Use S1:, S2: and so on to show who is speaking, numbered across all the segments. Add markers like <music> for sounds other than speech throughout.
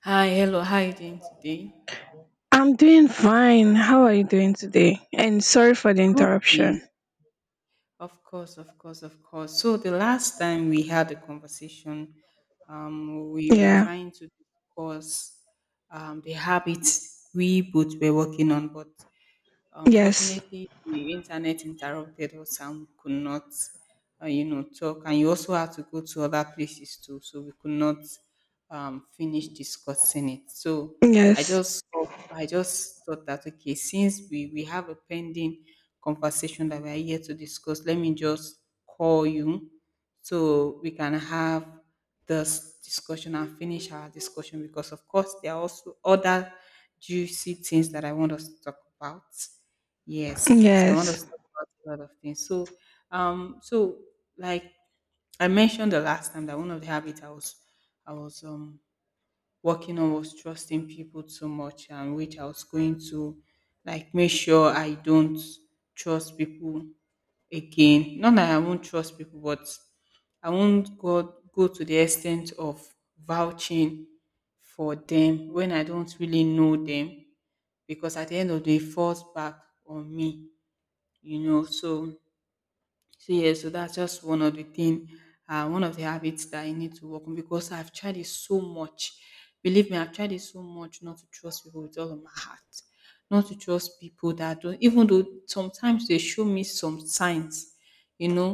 S1: Hi, hello. How you doing today?
S2: I'm doing fine. How are you doing today? And sorry for the
S1: I'm
S2: interruption.
S1: okay. Of course, of course, of course. So the last time we had a conversation, we were
S2: Yeah.
S1: trying to discuss the habits we both were working on, but
S2: Yes.
S1: unfortunately, the internet interrupted us and we could not talk. And you also had to go to other places too, so we could not finish discussing it. So
S2: Yes.
S1: I just thought that, okay, since we have a pending conversation that we are here to discuss, let me just call you so we can have this discussion and finish our discussion, because of course there are also other juicy things that I want us to talk about. Yes. So I want
S2: Yes.
S1: us to talk about a lot of things. So like I mentioned the last time that one of the habits I was working on was trusting people too much, and which I was going to, like, make sure I don't trust people again. Not that I won't trust people, but I won't go to the extent of vouching for them when I don't really know them, because at the end of the day, it falls back on me, you know. So yeah, that's just one of the thing, one of the habits that I need to work on, because I've tried it so much. Believe me, I've tried it so much not to trust people with all of my heart, not to trust people that don't, even though sometimes they show me some signs, you know,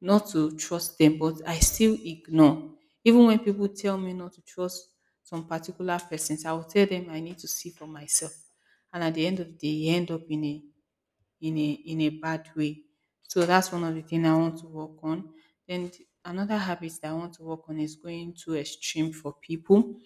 S1: not to trust them, but I still ignore. Even when people tell me not to trust some particular persons, I will tell them I need to see for myself, and at the end of the day you end up in a bad way. So that's one of the things I want to work on. Then another habit that I want to work on is going too extreme for people.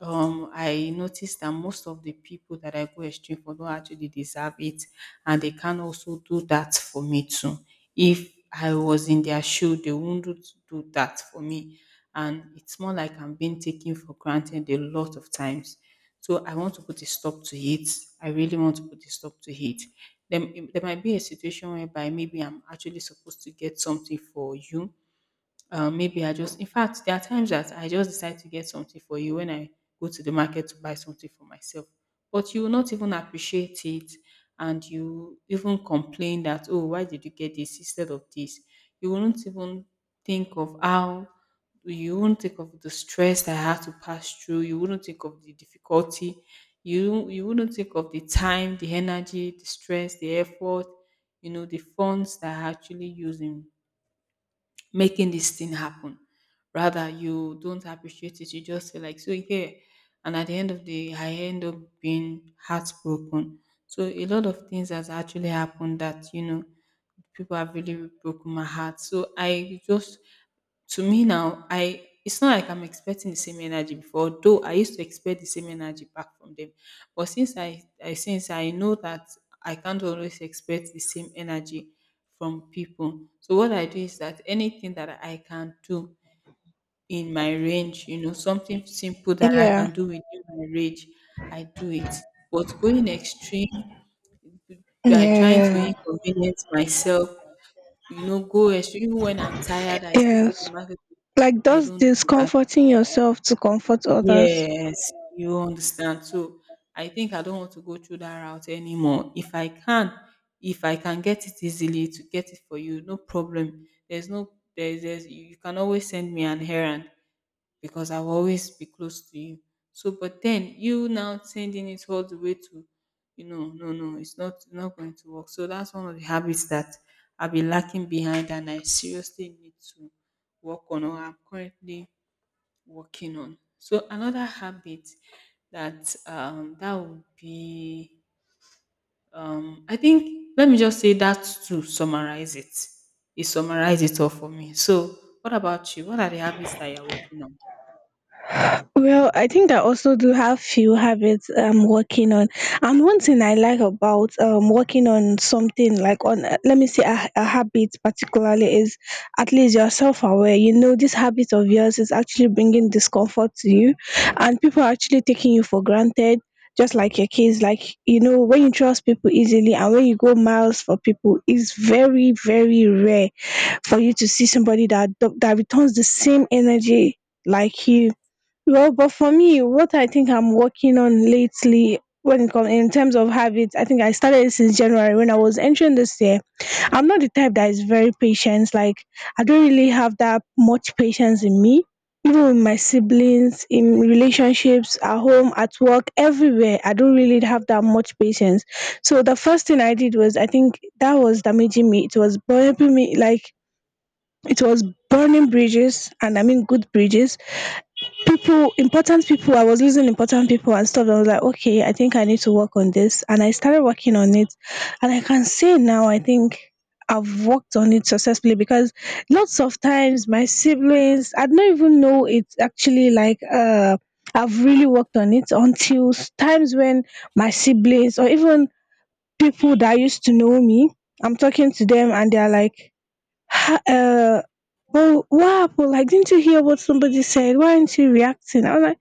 S1: I notice that most of the people that I go exchange for don't actually deserve it, and they can also do that for me too. If I was in their shoe, they wouldn't do that for me, and it's more like I'm being taken for granted a lot of times. So I want to put a stop to it. I really want to put a stop to it. Then there might be a situation whereby maybe I'm actually supposed to get something for you. Maybe I just, in fact, there are times that I just decide to get something for you when I go to the market to buy something for myself. But you will not even appreciate it, and you even complain that, oh, why did you get this instead of this? You won't even think of how, you won't think of the stress that I had to pass through. You wouldn't think of the difficulty. You wouldn't think of the time, the energy, the stress, the effort, you know, the funds that I actually using making this thing happen. Rather, you don't appreciate it. You just feel like, so, yeah. And at the end of the day, I end up being heartbroken. So a lot of things has actually happened that, you know, people have really broken my heart. So I just, to me now, I, it's not like I'm expecting the same energy before, though I used to expect the same energy back from them. But since I since I know that I can't always expect the same energy from people. So what I do is that anything that I can do in my range, you know, something simple that I can
S2: Yeah.
S1: do within my range, I do it. But going extreme, trying to
S2: Yeah.
S1: inconvenience myself, you know, go extreme even when I'm tired, I still go to
S2: Yes.
S1: market.
S2: Like
S1: I
S2: just
S1: don't do that.
S2: discomforting yourself to comfort others.
S1: Yes, you understand. So I think I don't want to go through that route anymore. If I can get it easily to get it for you, no problem. There's no there's, there's you, you can always send me an errand because I'll always be close to you. So but then you now sending it all the way to, you know, no, no, it's not, not going to work. So that's one of the habits that I've been lacking behind and I seriously need to work on, or I'm currently working on. So another habit that that would be, I think let me just say that, to summarize it. It summarize it all for me. So what about you? What are the habits that you're working on?
S2: Well, I think I also do have few habits I'm working on, and one thing I like about, working on something like on a, let me say a habit particularly is, at least you're self-aware, you know this habit of yours is actually bringing discomfort to you, and people are actually taking you for granted, just like your kids, like, you know, when you trust people easily and when you go miles for people, it's very, very rare for you to see somebody that returns the same energy like you. Well, but for me, what I think I'm working on lately when it comes in terms of habits, I think I started since January when I was entering this year. I'm not the type that is very patient. Like, I don't really have that much patience in me. Even with my siblings, in relationships, at home, at work, everywhere, I don't really have that much patience. So the first thing I did was, I think that was damaging me. It was burning me, like it was burning bridges, and I mean good bridges, people, important people. I was losing important people and stuff. I was like, okay, I think I need to work on this, and I started working on it. And I can say now, I think I've worked on it successfully, because lots of times my siblings, I don't even know it's actually like, I've really worked on it until, times when my siblings or even people that used to know me, I'm talking to them and they're like, "Ha, well, what happened? Like, didn't you hear what somebody said? Why aren't you reacting?" I was like,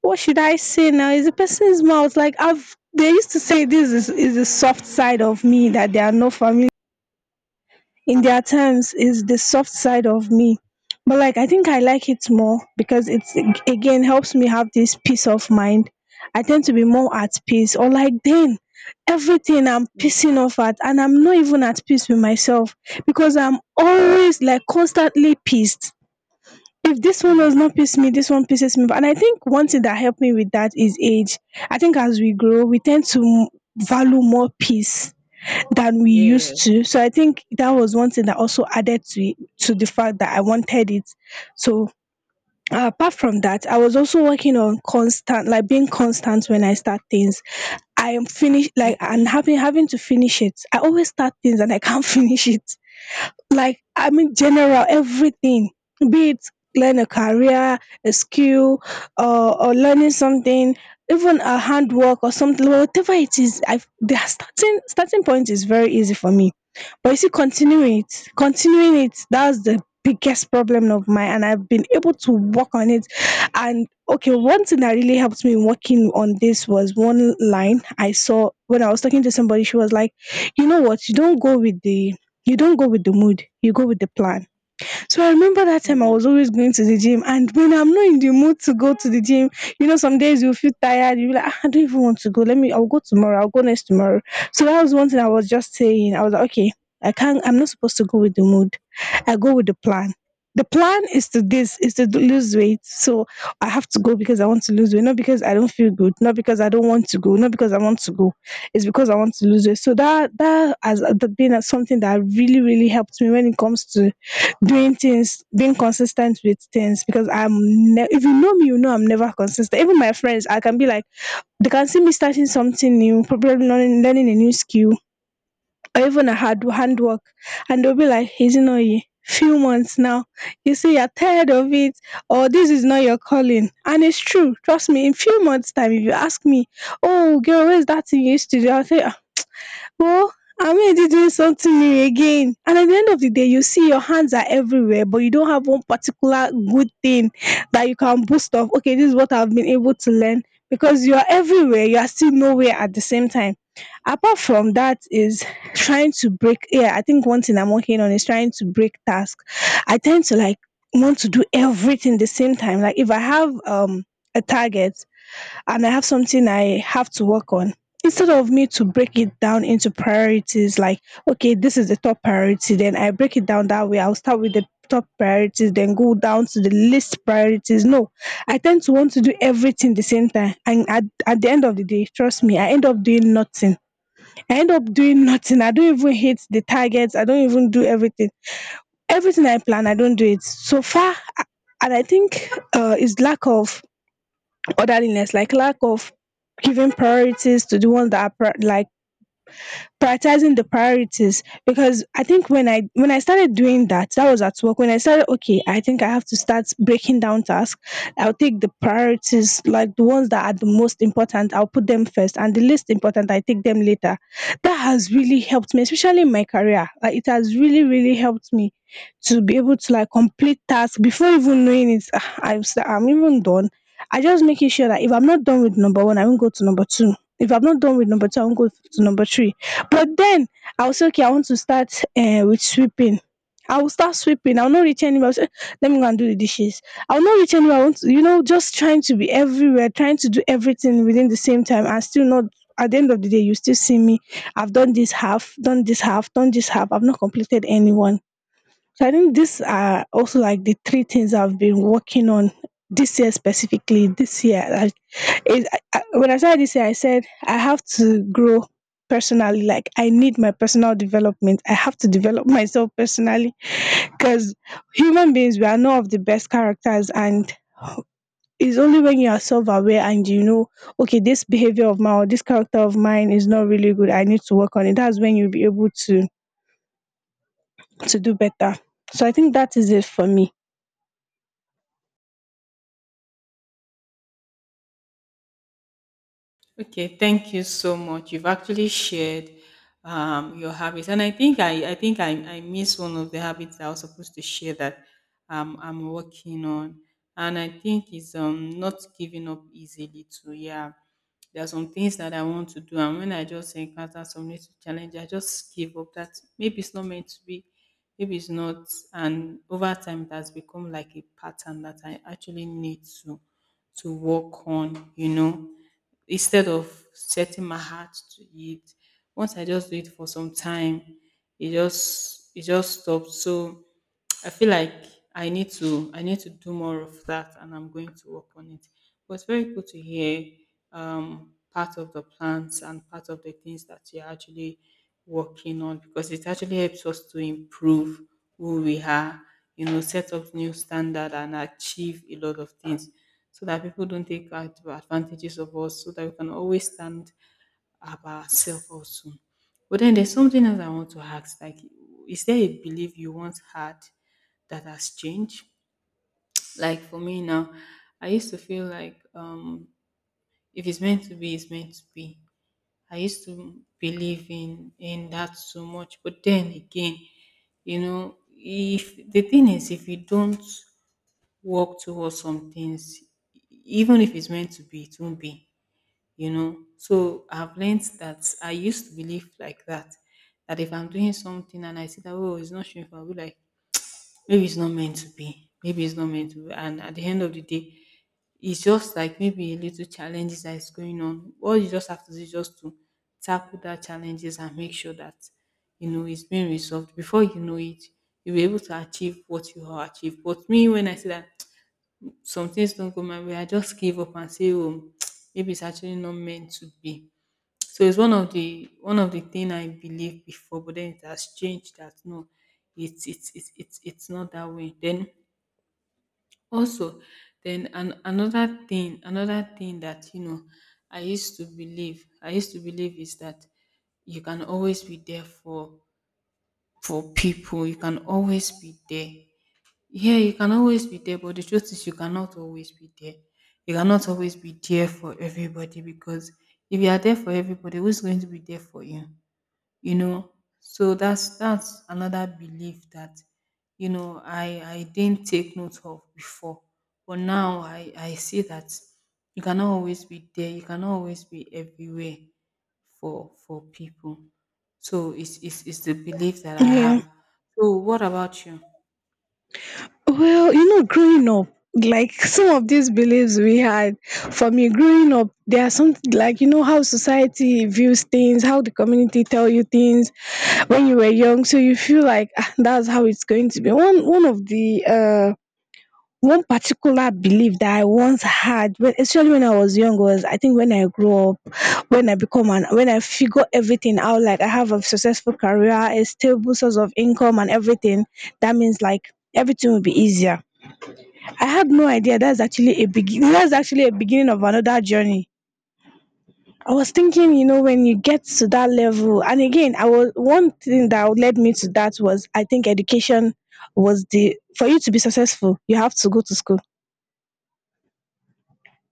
S2: what should I say now? It's a person's mouth. Like, I've, they used to say this is the soft side of me that they are not familiar, in their terms is the soft side of me. But like, I think I like it more because it's again helps me have this peace of mind. I tend to be more at peace, or like, then everything I'm
S1: Mm,
S2: pissing off at and I'm not even at peace with myself, because I'm always like constantly pissed. If this one does not
S1: mm,
S2: piss me, this one pisses me off. And I think one thing that helped me with that is age. I think as we grow we tend to value more peace than we
S1: yeah.
S2: used to. So I think that was one thing that also added to it, to the fact that I wanted it. So, apart from that, I was also working on constant, like being constant when I start things. I am finished, like and
S1: Okay.
S2: having to finish it. I always start things and I can't <laughs> finish it. Like, I mean, general everything, be it learn a career, a skill, or learning something, even a handwork or something, whatever it is. I, the starting point is very easy for me, but you see, continuing it, that's the biggest problem of mine, and I've been able to work on it. And okay, one thing that really helped me working on this was one line I saw when I was talking to somebody. She was like, "You know what? You don't go with the mood. You go with the plan." So I remember that time I
S1: Mm.
S2: was always going to the gym, and when I'm not in the mood to go to the gym, you know, some days you feel tired, you'll be like, "Ah, I don't even want to go. Let me, I'll go tomorrow, I'll go next tomorrow." So that was one thing I was just saying. I was like, okay, I can't, I'm not supposed to go with the mood. I go with the plan. The plan is to, this is to lose weight. So I have to go because I want to lose weight, not because I don't feel good, not because I don't want to go, not because I want to go. It's because I want to lose weight. So that has been, something that really, really helped me when it comes to doing things, being consistent with things. Because I'm if you know me, you know I'm never consistent. Even my friends, I can be like, they can see me starting something new, probably learning a new skill or even a hard handwork, and they'll be like, "Ezinoyi, few months now. You see, you're tired of it, or this is not your calling." And it's true, trust me, in few months' time, if you ask me, "Oh girl, where's that thing you used to do?" I'll say, "Ah, well, I mean you doing something new again, and at the end of the day you see your hands are everywhere but you don't have one particular good thing that you can boast of, okay, this is what I've been able to learn, because you are everywhere, you are still nowhere at the same time. Apart from that is trying to break, yeah, I think one thing I'm working on is trying to break task. I tend to like want to do everything the same time, like if I have, a target, and I have something I have to work on. Instead of me to break it down into priorities like, okay, this is the top priority, then I break it down that way. I'll start with the top priorities, then go down to the least priorities. No, I tend to want to do everything the same time. And at the end of the day, trust me, I end up doing nothing. I end up doing <laughs> nothing. I don't even hit the targets. I don't even do everything. Everything I plan, I don't do it. So far, and I think, it's lack of orderliness, like lack of giving priorities to the ones that are pri, like prioritizing the priorities, because I think when I started doing that, that was at work, when I started, okay, I think I have to start breaking down tasks. I'll take the priorities, like the ones that are the most important, I'll put them first, and the least important I take them later. That has really helped me, especially in my career. Like it has really, really helped me to be able to like complete tasks before even knowing it. Ah, I'm even done. I just making sure that if I'm not done with number one, I won't go to number two. If I'm not done with number two, I won't go to number three. But then, I was okay, I want to start, with sweeping. I will start sweeping. I will not reach anywhere. I will say, "Eh, let me go and do the dishes." I will not reach anywhere. I want to, you know, just trying to be everywhere, trying to do everything within the same time, and still not, at the end of the day, you still see me. I've done this half, done this half, done this half. I've not completed any one. So I think these are also like the three things I've been working on this year specifically. This year, I it, I, when I started this year, I said I have to grow personally. Like I need my personal development. I have to develop <laughs> myself personally, because human beings, we are not of the best characters, and it's only when you are self-aware and you know, okay, this behavior of mine or this character of mine is not really good, I need to work on it. That's when you'll be able to do better. So I think that is it for me.
S1: Okay, thank you so much. You've actually shared your habits, and I think I missed one of the habits I was supposed to share that I'm working on, and I think is not giving up easily. To, yeah, there are some things that I want to do, and when I just encounter some little challenge, I just give up. That maybe it's not meant to be, maybe it's not, and over time it has become like a pattern that I actually need to work on. You know, instead of setting my heart to it. Once I just do it for some time, it just, it just stopped. So I feel like I need to do more of that, and I'm going to work on it. But it's very good to hear part of the plans and part of the things that you're actually working on, because it actually helps us to improve who we are, you know, set up new standard and achieve a lot of things so that people don't take advantages of us, so that we can always stand up ourselves also. But then there's something else I want to ask. Like, is there a belief you once had that has changed? Like for me now, I used to feel like, if it's meant to be, it's meant to be. I used to believe in that so much, but then again, you know, if the thing is, if you don't work towards some things, even if it's meant to be, it won't be, you know. So I've learned that I used to believe like that, that if I'm doing something and I see that, oh, it's not shameful, I'll be like, maybe it's not meant to be, maybe it's not meant to be. And at the end of the day, it's just like maybe a little challenges that is going on. All you just have to do is just to tackle that challenges and make sure that, you know, it's being resolved. Before you know it, you'll be able to achieve what you have achieved. But me, when I see that some things don't go my way, I just give up and say, oh, <tsk> maybe it's actually not meant to be. So it's one of the, one of the thing I believed before, but then it has changed that, no, it's not that way. Then also, then another thing that, you know, I used to believe is that you can always be there for people. You can always be there. Yeah, you can always be there, but the truth is you cannot always be there. You cannot always be there for everybody, because if you are there for everybody, who's going to be there for you? You know, so that's another belief that, you know, I didn't take note of before, but now I see that you cannot always be there, you cannot always be everywhere for people. So it's the belief that I have.
S2: Yeah.
S1: So what about you?
S2: Well, you know, growing up, like some of these beliefs we had, for me growing up, there are some, like you know how society views things, how the community tell you things when you were young, so you feel like, "Ah, that's how it's going to be." One of the, one particular belief that I once had, when, especially when I was young, was, I think when I grew up, when I become an, when I figure everything out, like I have a successful career, a stable source of income, and everything, that means like everything will be easier. I had no idea that's actually a begin that's actually a beginning of another journey. I was thinking, you know, when you get to that level, and again, I was, one thing that led me to that was, I think education was the, for you to be successful, you have to go to school.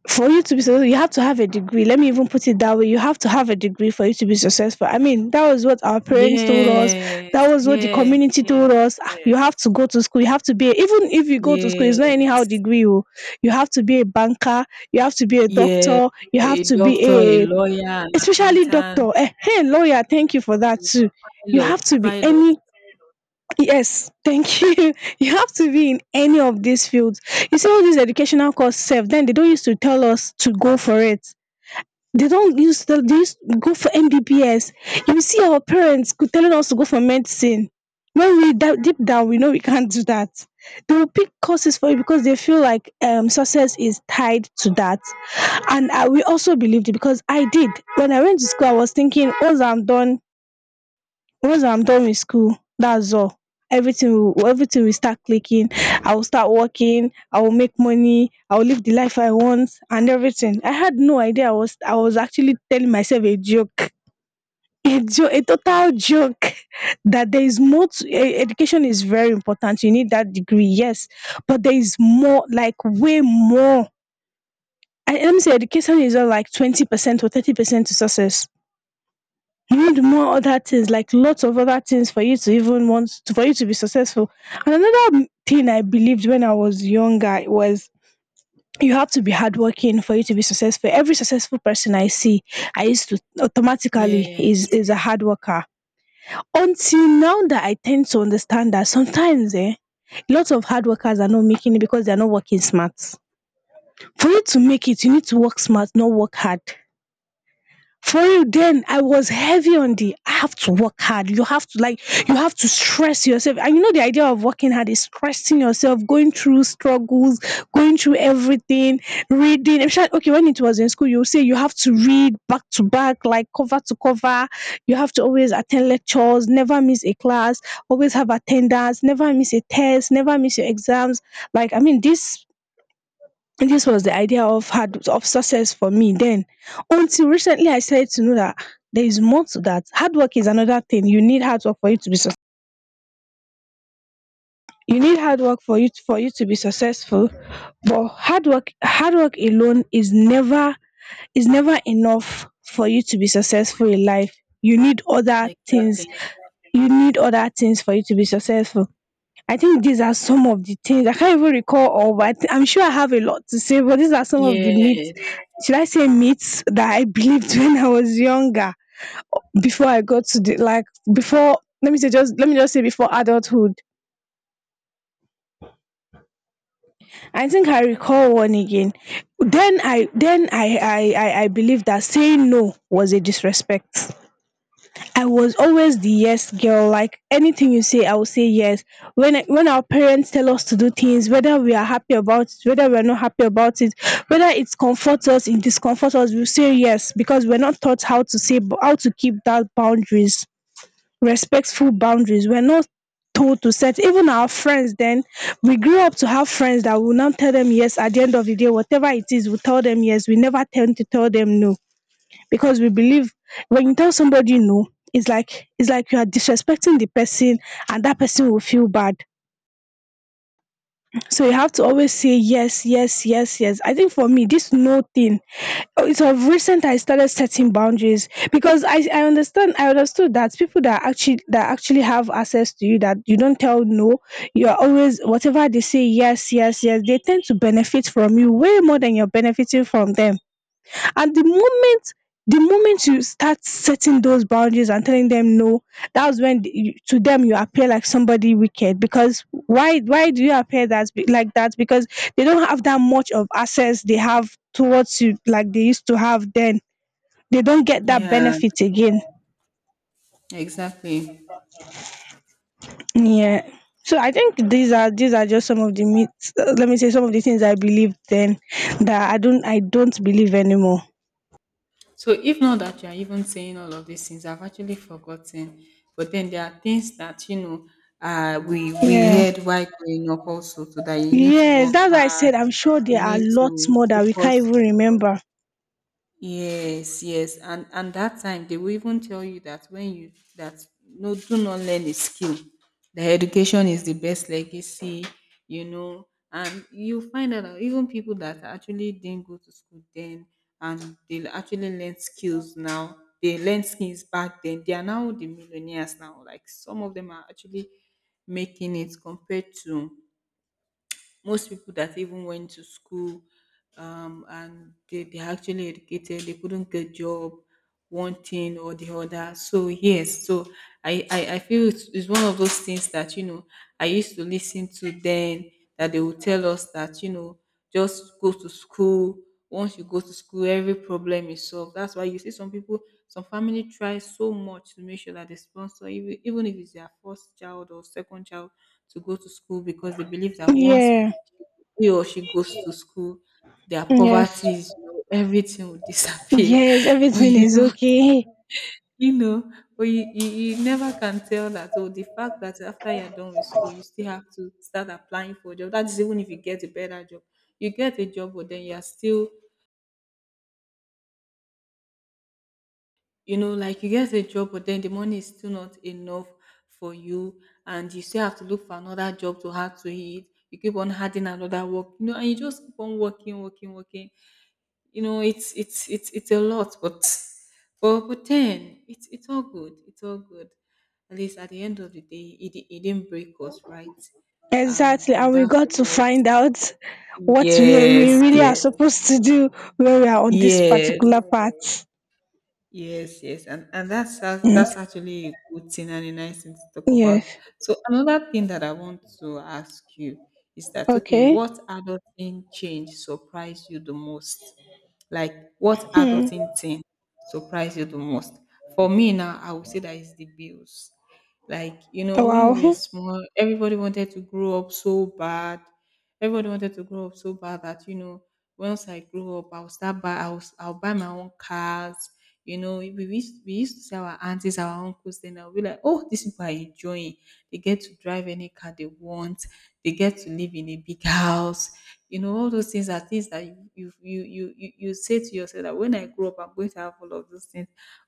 S2: For you to be successful, you have to have a degree. Let me even put it that way. You have to have a degree for you to be successful. I mean, that was what our parents told us.
S1: Yes,
S2: That was what the
S1: yes,
S2: community told
S1: yes,
S2: us. Ah,
S1: yes,
S2: you have to go to school, you have to be a, even if you go to school it's not anyhow
S1: yes,
S2: degree oh. You have to be a banker, you have to be a
S1: yes,
S2: doctor, you have
S1: a
S2: to be
S1: doctor, a
S2: a
S1: lawyer, an
S2: especially
S1: accountant,
S2: doctor, hey, lawyer, thank you for that too. You
S1: pilot,
S2: have to be
S1: pilot.
S2: any. Yes, thank you. <laughs> You have to be in any of these fields. You see all these educational course sef, then they don't used to tell us to go for it. They don't use to, They used to go for MBBS. You see our parents could telling us to go for medicine. When deep down, we know we can't do that. They will pick courses for you because they feel like success is tied to that. And I will also believe it because I did. When I went to school, I was thinking, once I'm done with school, that's all. Everything will start clicking. I will start working, I will make money, I will live the life I want, and everything. I had no idea. I was actually telling myself a joke. <laughs> A joke, a total joke. <laughs> That there is more to education is very important, you need that degree, yes, but there is more, like way more. Let me say education is not like 20% or 30% to success. You need more other things, like lots of other things, for you to be successful. And another thing I believed when I was younger was, you have to be hardworking for you to be successful. Every successful person I see, I used to automatically is
S1: Yes,
S2: is a hard worker. Until now that I tend to understand that sometimes, lots of hard workers are not making it because they are not working smart. For you to make it, you need to work smart, not work hard. For real, then I was heavy on the I have to work hard, you have to like, you have to stress yourself. And you know the idea of working hard is stressing yourself, going through struggles, going through everything, reading especially. Okay, when it was in school, you would say you have to read back to back, like cover to cover, you have to always attend lectures, never miss a class, always have attendance, never miss a test, never miss your exams. Like, I mean, this was the idea of hard of success for me then. Until recently I started to know that, there is more to that. Hard work is another thing. You need hard work for you to be suc- you need hard work for you to be successful. But hard work alone is never enough for you to be successful in life. You need other things.
S1: exactly.
S2: You need other things for you to be successful. I think these are some of the things I can't even recall all, but I'm sure I have a lot to say. But these are some of the
S1: Yeah,
S2: myths, should I say, myths that I believed <laughs> when I was younger, before I got to the, like, before. Let me say just let me just say before adulthood. I think I recall one again. Then I believed that saying no was a disrespect. I was always the yes girl. Like anything you say, I will say yes. When our parents tell us to do things, whether we are happy about it, whether we are not happy about it, whether it comforts us, it discomforts us, we say yes, because we're not taught how to keep that boundaries, respectful boundaries. We're not told to set. Even our friends then, we grew up to have friends that will now tell them yes. At the end of the day, whatever it is, we tell them yes, we never tend to tell them no, because we believe when you tell somebody no, it's like you are disrespecting the person, and that person will feel bad. So you have to always say yes, yes, yes, yes. I think for me this no thing, it's of recent I started setting boundaries, because I understood that people that actually, have access to you, that you don't tell no, you are always whatever they say, yes, yes, yes, they tend to benefit from you way more than you're benefiting from them. And the moment you start setting those boundaries and telling them no, that's when you, to them you appear like somebody wicked. Because why do you appear like that? Because they don't have that much of access they have towards you like they used to have then. They don't get that
S1: yeah,
S2: benefit again.
S1: exactly.
S2: Yeah. So I think these are, just some of the myths. Let me say some of the things I believed then that I don't believe anymore.
S1: So if not that you are even saying all of these things, I've actually forgotten. But then there are things that, you know, we
S2: Yeah.
S1: heard while growing up also, so that you need to
S2: Yes,
S1: work
S2: that's why I
S1: hard,
S2: said I'm sure there
S1: you
S2: are
S1: need
S2: lots
S1: to
S2: more that we
S1: focus.
S2: can't even remember.
S1: Yes, yes. And that time they will even tell you that when you, that no, do not learn a skill. The education is the best legacy, you know. And you find out that even people that actually didn't go to school then, and they actually learn skills now. They learn skills back then. They are now the millionaires now. Like some of them are actually making it compared to most people that even went to school, and they, they're actually educated, they couldn't get job, one thing or the other. So yes, so I feel it's one of those things that, you know, I used to listen to then that they would tell us that, you know, just go to school. Once you go to school, every problem is solved. That's why you see some people, some family try so much to make sure that they sponsor, even if it's their first child or second child, to go to school because they believe that once
S2: Yeah,
S1: she or she goes to school, their
S2: yes,
S1: poverty, you know, everything will disappear.
S2: yes,
S1: <laughs> But
S2: everything
S1: you
S2: is
S1: don't,
S2: okay.
S1: you know, but you never can tell that. Oh, the fact that after you're done with school, you still have to start applying for a job. That is even if you get a better job. You get a job, but then you're still, you know, like you get a job, but then the money is still not enough for you, and you still have to look for another job to have to eat. You keep on adding another work, you know, and you just keep on working, working, working. You know it's a lot, but but then it's all good, it's all good. At least at the end of the day it didn't break us, right? and
S2: Exactly,
S1: and
S2: and we
S1: that's
S2: got
S1: the
S2: to
S1: most,
S2: find out what we
S1: yes,
S2: really are
S1: yes,
S2: supposed to do when we are on this
S1: yes.
S2: particular part.
S1: Yes, yes, and that's that's
S2: Yes,
S1: that's actually a good thing and a nice thing to talk about.
S2: yes,
S1: So another thing that I want to ask you is that, okay,
S2: okay.
S1: what adulting change surprised you the most? Like what
S2: Hmm.
S1: adulting thing surprised you the most? For me now, I would say that is the bills. Like you know, when we were
S2: Wow.
S1: small, everybody wanted to grow up so bad. Everybody wanted to grow up so bad that, you know, once I grow up, I'll buy my own cars. You know, we used to see our aunties, our uncles, then I'll be like, oh, these people are enjoying. They get to drive any car they want. They get to live in a big house. You know, all those things are things that you say to yourself that when I grow up, I'm going to have all of those things.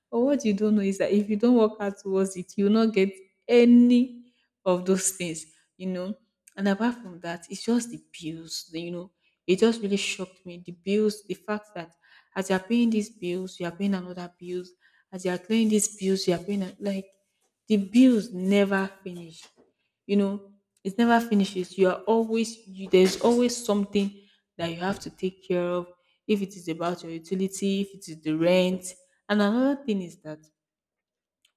S1: But what you don't know is that if you don't work out towards it, you'll not get any of those things, you know. And apart from that, it's just the bills, you know. It just really shocked me. The bills, the fact that as you are paying these bills, you are paying another bills. As you are clearing these bills, you are paying like the bills never finish. You know, it never finishes. You are there's always something that you have to take care of. If it is about your utility, if it is the rent, and another thing is that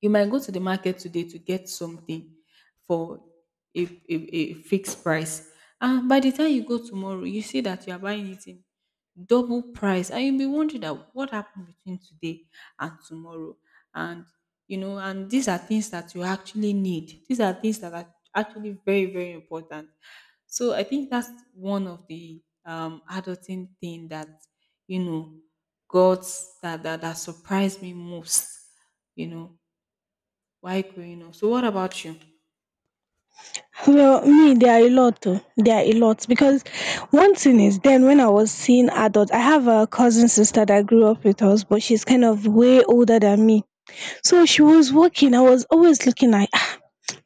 S1: you might go to the market today to get something for a fixed price. And by the time you go tomorrow, you see that you are buying it in double price. And you'll be wondering that what happened between today and tomorrow. And you know, and these are things that you actually need. These are things that are actually very, very important. So I think that's one of the adulting thing that, you know, got that surprised me most, you know, while growing up. So what about you?
S2: Well, me, there are a lot. Oh. There are a lot, because one thing is, then when I was seeing adults, I have a cousin sister that grew up with us, but she's kind of way older than me. So she was working, I was always looking like,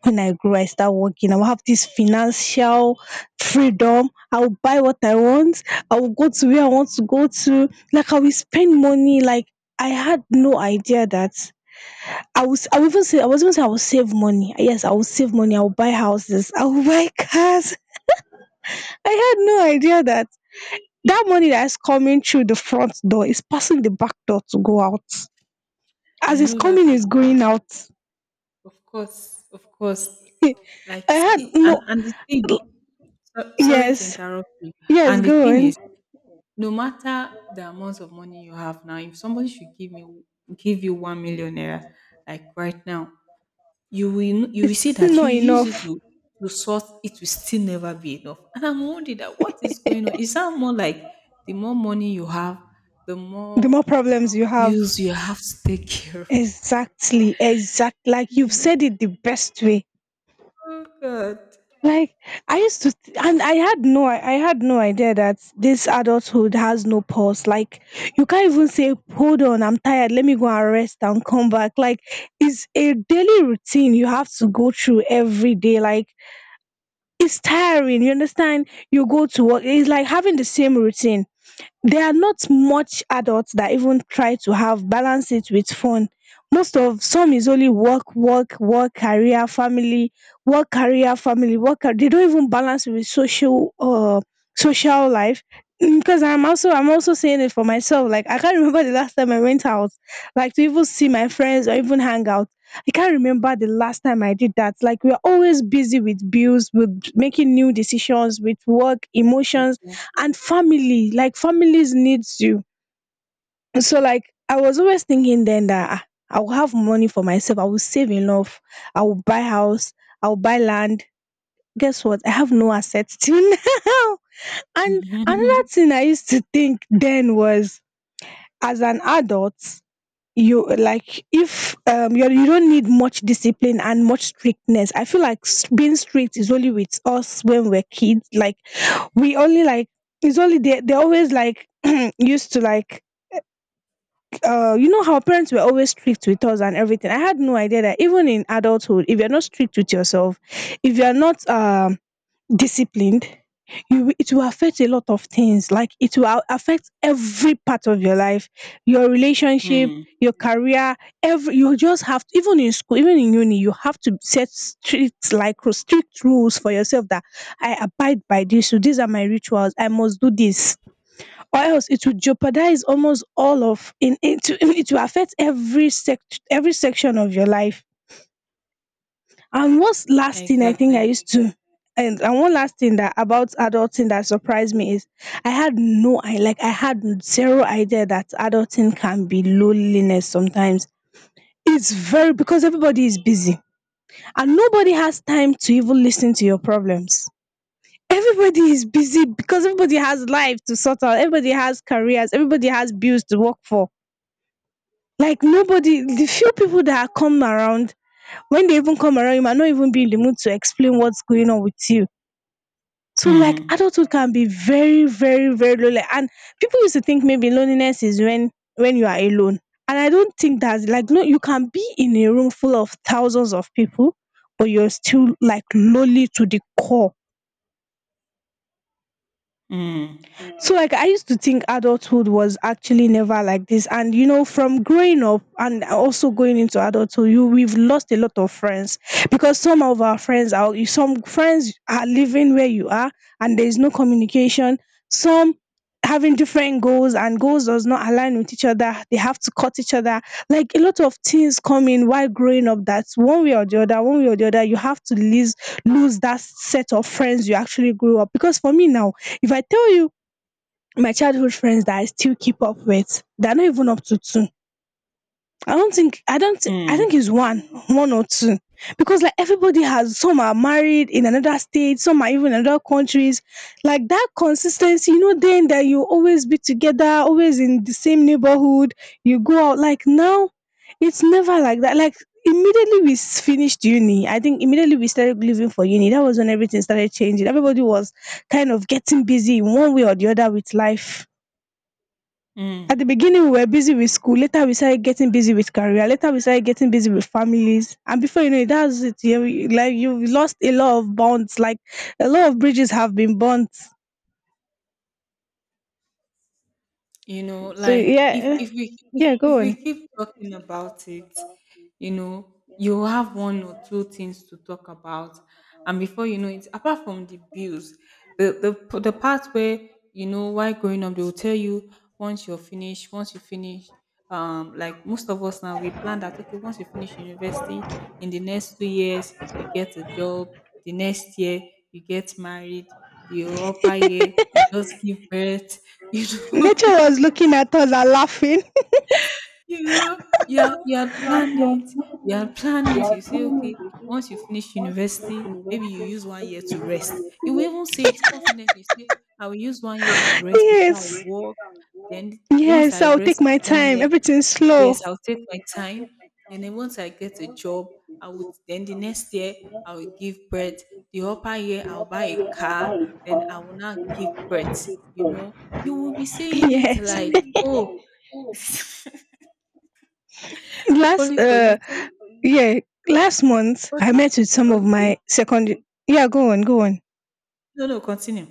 S2: when I grow I start working, I will have this financial freedom, I will buy what I want, I will go to where I want to go to, like I will spend money like. I had no idea that I was. I will even say, I was even saying I will save money, yes I will save money, I will buy houses, I will <laughs> buy cars. I had no idea that that money that is coming through the front door is passing the back door to go out. As
S1: I
S2: it's
S1: know that
S2: coming, it's
S1: feeling.
S2: going out.
S1: Of course, of course. Like
S2: I had
S1: see,
S2: no.
S1: and the thing. So, sorry to
S2: Yes.
S1: interrupt you.
S2: Yes,
S1: And the
S2: go
S1: thing
S2: on.
S1: is, no matter the amount of money you have now, if somebody should give you 1,000,000 naira, like right now, you will see
S2: Still
S1: that you
S2: not
S1: use it
S2: enough.
S1: to sort, it will still never be enough. And I'm wondering that what is going on? Is that more like the more money you have, the
S2: The
S1: more
S2: more problems you have.
S1: bills you have to take care of?
S2: Exactly, exact. Like you've
S1: You know?
S2: said it the best way.
S1: Oh, God.
S2: Like I used to, and I had no idea that this adulthood has no pause. Like you can't even say, "Hold on, I'm tired. Let me go and rest and come back." Like it's a daily routine you have to go through every day. Like it's tiring. You understand? You go to work. It's like having the same routine. There are not much adults that even try to have balance it with fun. Most of some is only work work work, career, family, work, career, family, they don't even balance it with social life. Because I'm also saying it for myself, like I can't <laughs> remember the last time I went out, like to even see my friends or even hang out. I can't remember the last time I did that. Like we're always busy with bills, with making new decisions, with work, emotions,
S1: Exactly.
S2: and family. Like families needs you. So like I was always thinking then that, I will have money for myself, I will save enough, I will buy house, I will buy land. Guess what, I have no assets till <laughs> now. And
S1: <laughs>
S2: another thing I used to think then was, as an adult, you like if you you don't need much discipline and much strictness. I feel like being strict is only with us when we're kids. Like we only like it's only they they're always like <clears throat> used to like you know how parents were always strict with us and everything. I had no idea that even in adulthood, if you're not strict with yourself, if you're not disciplined, it will affect a lot of things. Like it will affect every part of your life, your relationship,
S1: Mm,
S2: your career, every you just have to. Even in school, even in uni, you have to set strict, strict rules for yourself, that I abide by this. So these are my rituals. I must do this, or else it would jeopardize almost all of in it will <laughs> it will affect every section of your life. And what's last thing I think I
S1: exactly.
S2: used to— and one last thing that about adulting that surprised me is I had no I had zero idea that adulting can be loneliness sometimes. It's very because everybody is busy and nobody has time to even listen to your problems. Everybody is busy because everybody has life to sort out, everybody has careers, everybody has bills to work for. Like nobody— the few people that come around, when they even come around, you might not even be in the mood to explain what's going on with you. So like
S1: Mm,
S2: adulthood can be very very very lonely. And people used to think maybe loneliness is when you are alone, and I don't think that's— like, no, you can be in a room full of thousands of people but you're still like lonely to the core.
S1: mm,
S2: So like I used to think adulthood was actually never like this. And you know, from growing up and also going into adulthood, you— we've lost a lot of friends because some of our friends are— some friends are living where you are and there is no communication. Some having different goals, and goals does not align with each other. They have to cut each other. Like a lot of things come in while growing up that one way or the other, one way or the other, you have to lose that set of friends you actually grew up. Because for me now, if I tell you my childhood friends that I still keep up with, they are not even up to two. I don't think I don't thi- I think
S1: mm,
S2: it's one, one or two. Because like everybody has— some are married in another state, some are even in other countries. Like that consistency, you know, then that you always be together, always in the same neighborhood, you go out— like now, it's never like that. Like immediately we finished uni— I think immediately we started living for uni— that was when everything started changing. Everybody was kind of getting busy in one way or the other with life.
S1: mm.
S2: At the beginning, we were busy with school. Later, we started getting busy with career. Later, we started getting busy with families. And before you know it, that's it. You— like you've lost a lot of bonds. Like a lot of bridges have been burnt.
S1: You know,
S2: So
S1: like
S2: yeah, yeah,
S1: if
S2: go
S1: we
S2: on.
S1: keep talking about it, you know, you have one or two things to talk about, and before you know it, apart from the bills, the part where, you know, why growing up they will tell you once you're finished, once you finish um, like most of us now we plan that, okay, once you finish university, in the next 2 years you get a job, the next year you get married, the upper year you just give birth. <laughs> You know,
S2: Nature was looking at us and laughing.
S1: you know, you are planning, you are planning. You say, "Okay, once you finish university, maybe you use 1 year to rest." You will even say it confidently. You say, "I will use 1 year to
S2: <laughs>
S1: rest before I
S2: Yes,
S1: work. Then once
S2: yes.
S1: I
S2: I'll take
S1: rest is
S2: my
S1: 1
S2: time.
S1: year,
S2: Everything's
S1: yes,
S2: slow.
S1: I'll take my time. And then once I get a job, I would then the next year I will give birth. The upper year I'll buy a car, then I will not give birth." You know, you will be saying it
S2: Yes.
S1: like,
S2: <laughs>
S1: "Oh, <laughs>
S2: Last
S1: only for you to
S2: yeah, last month I
S1: Okay.
S2: met with some of
S1: Okay.
S2: my secondary— yeah, go on, go on.
S1: No, no, continue.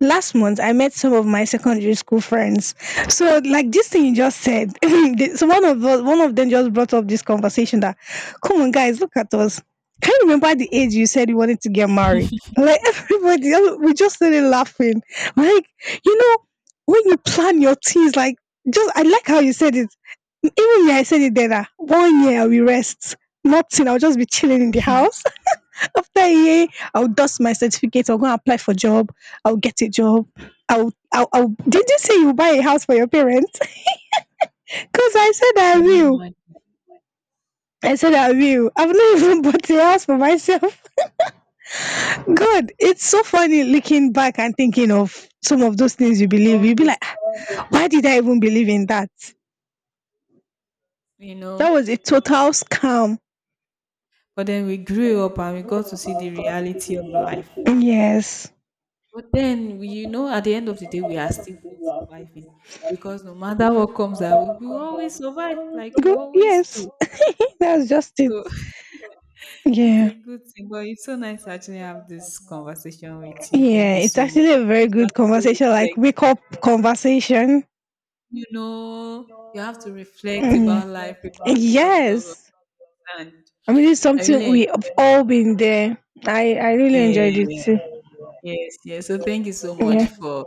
S2: Last month, I met some of my secondary school friends. So, like this thing you just said, <laughs> the- so one of us, one of them just brought up this conversation that, come on, guys, look at us. Can you remember the age you said you wanted to get married? Like <laughs> everybody, all- we just started laughing. Like, you know, when you plan your things, like— just, I like how you said it. Even me, I said it then. One year I will rest. Nothing. I'll just be chilling in the house. After a year, I'll dust my certificate, I'll go and apply for job, I'll get a job. I'll Did you say you buy a house for your parents? <laughs> Because I said I
S1: Can you
S2: will.
S1: imagine?
S2: I said I will. I've not even <laughs> bought a house for myself. <laughs> God, it's so funny looking back and thinking of some of those things you believe. You'll
S1: All
S2: be
S1: those,
S2: like, "Ah, why did I even believe in that?
S1: you
S2: That
S1: know.
S2: was a total scam."
S1: But then we grew up and we got to see the reality of life.
S2: Yes.
S1: But then, you know, at the end of the day, we are still for surviving because no matter what comes our way, we will always survive like we
S2: Go,
S1: always
S2: yes.
S1: do.
S2: <laughs> That's just it.
S1: So <laughs> it's
S2: Yeah.
S1: a good thing. But it's so nice to actually have this conversation with you. Thank
S2: Yeah.
S1: you
S2: It's
S1: so much.
S2: actually a very
S1: It's good to
S2: good
S1: actually
S2: conversation, like
S1: reflect.
S2: wake up conversation.
S1: You know, you have to reflect
S2: Mm.
S1: about life, reflect about a lot of
S2: Yes.
S1: things,
S2: I mean, it's
S1: and I
S2: something
S1: really,
S2: we have all been there. I really enjoyed it
S1: yeah,
S2: too.
S1: yes, yes. So thank you so much
S2: Yeah.
S1: for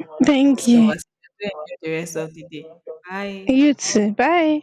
S1: this
S2: Thank you.
S1: conversation. Enjoy the rest of the day. Bye.
S2: You too. Bye.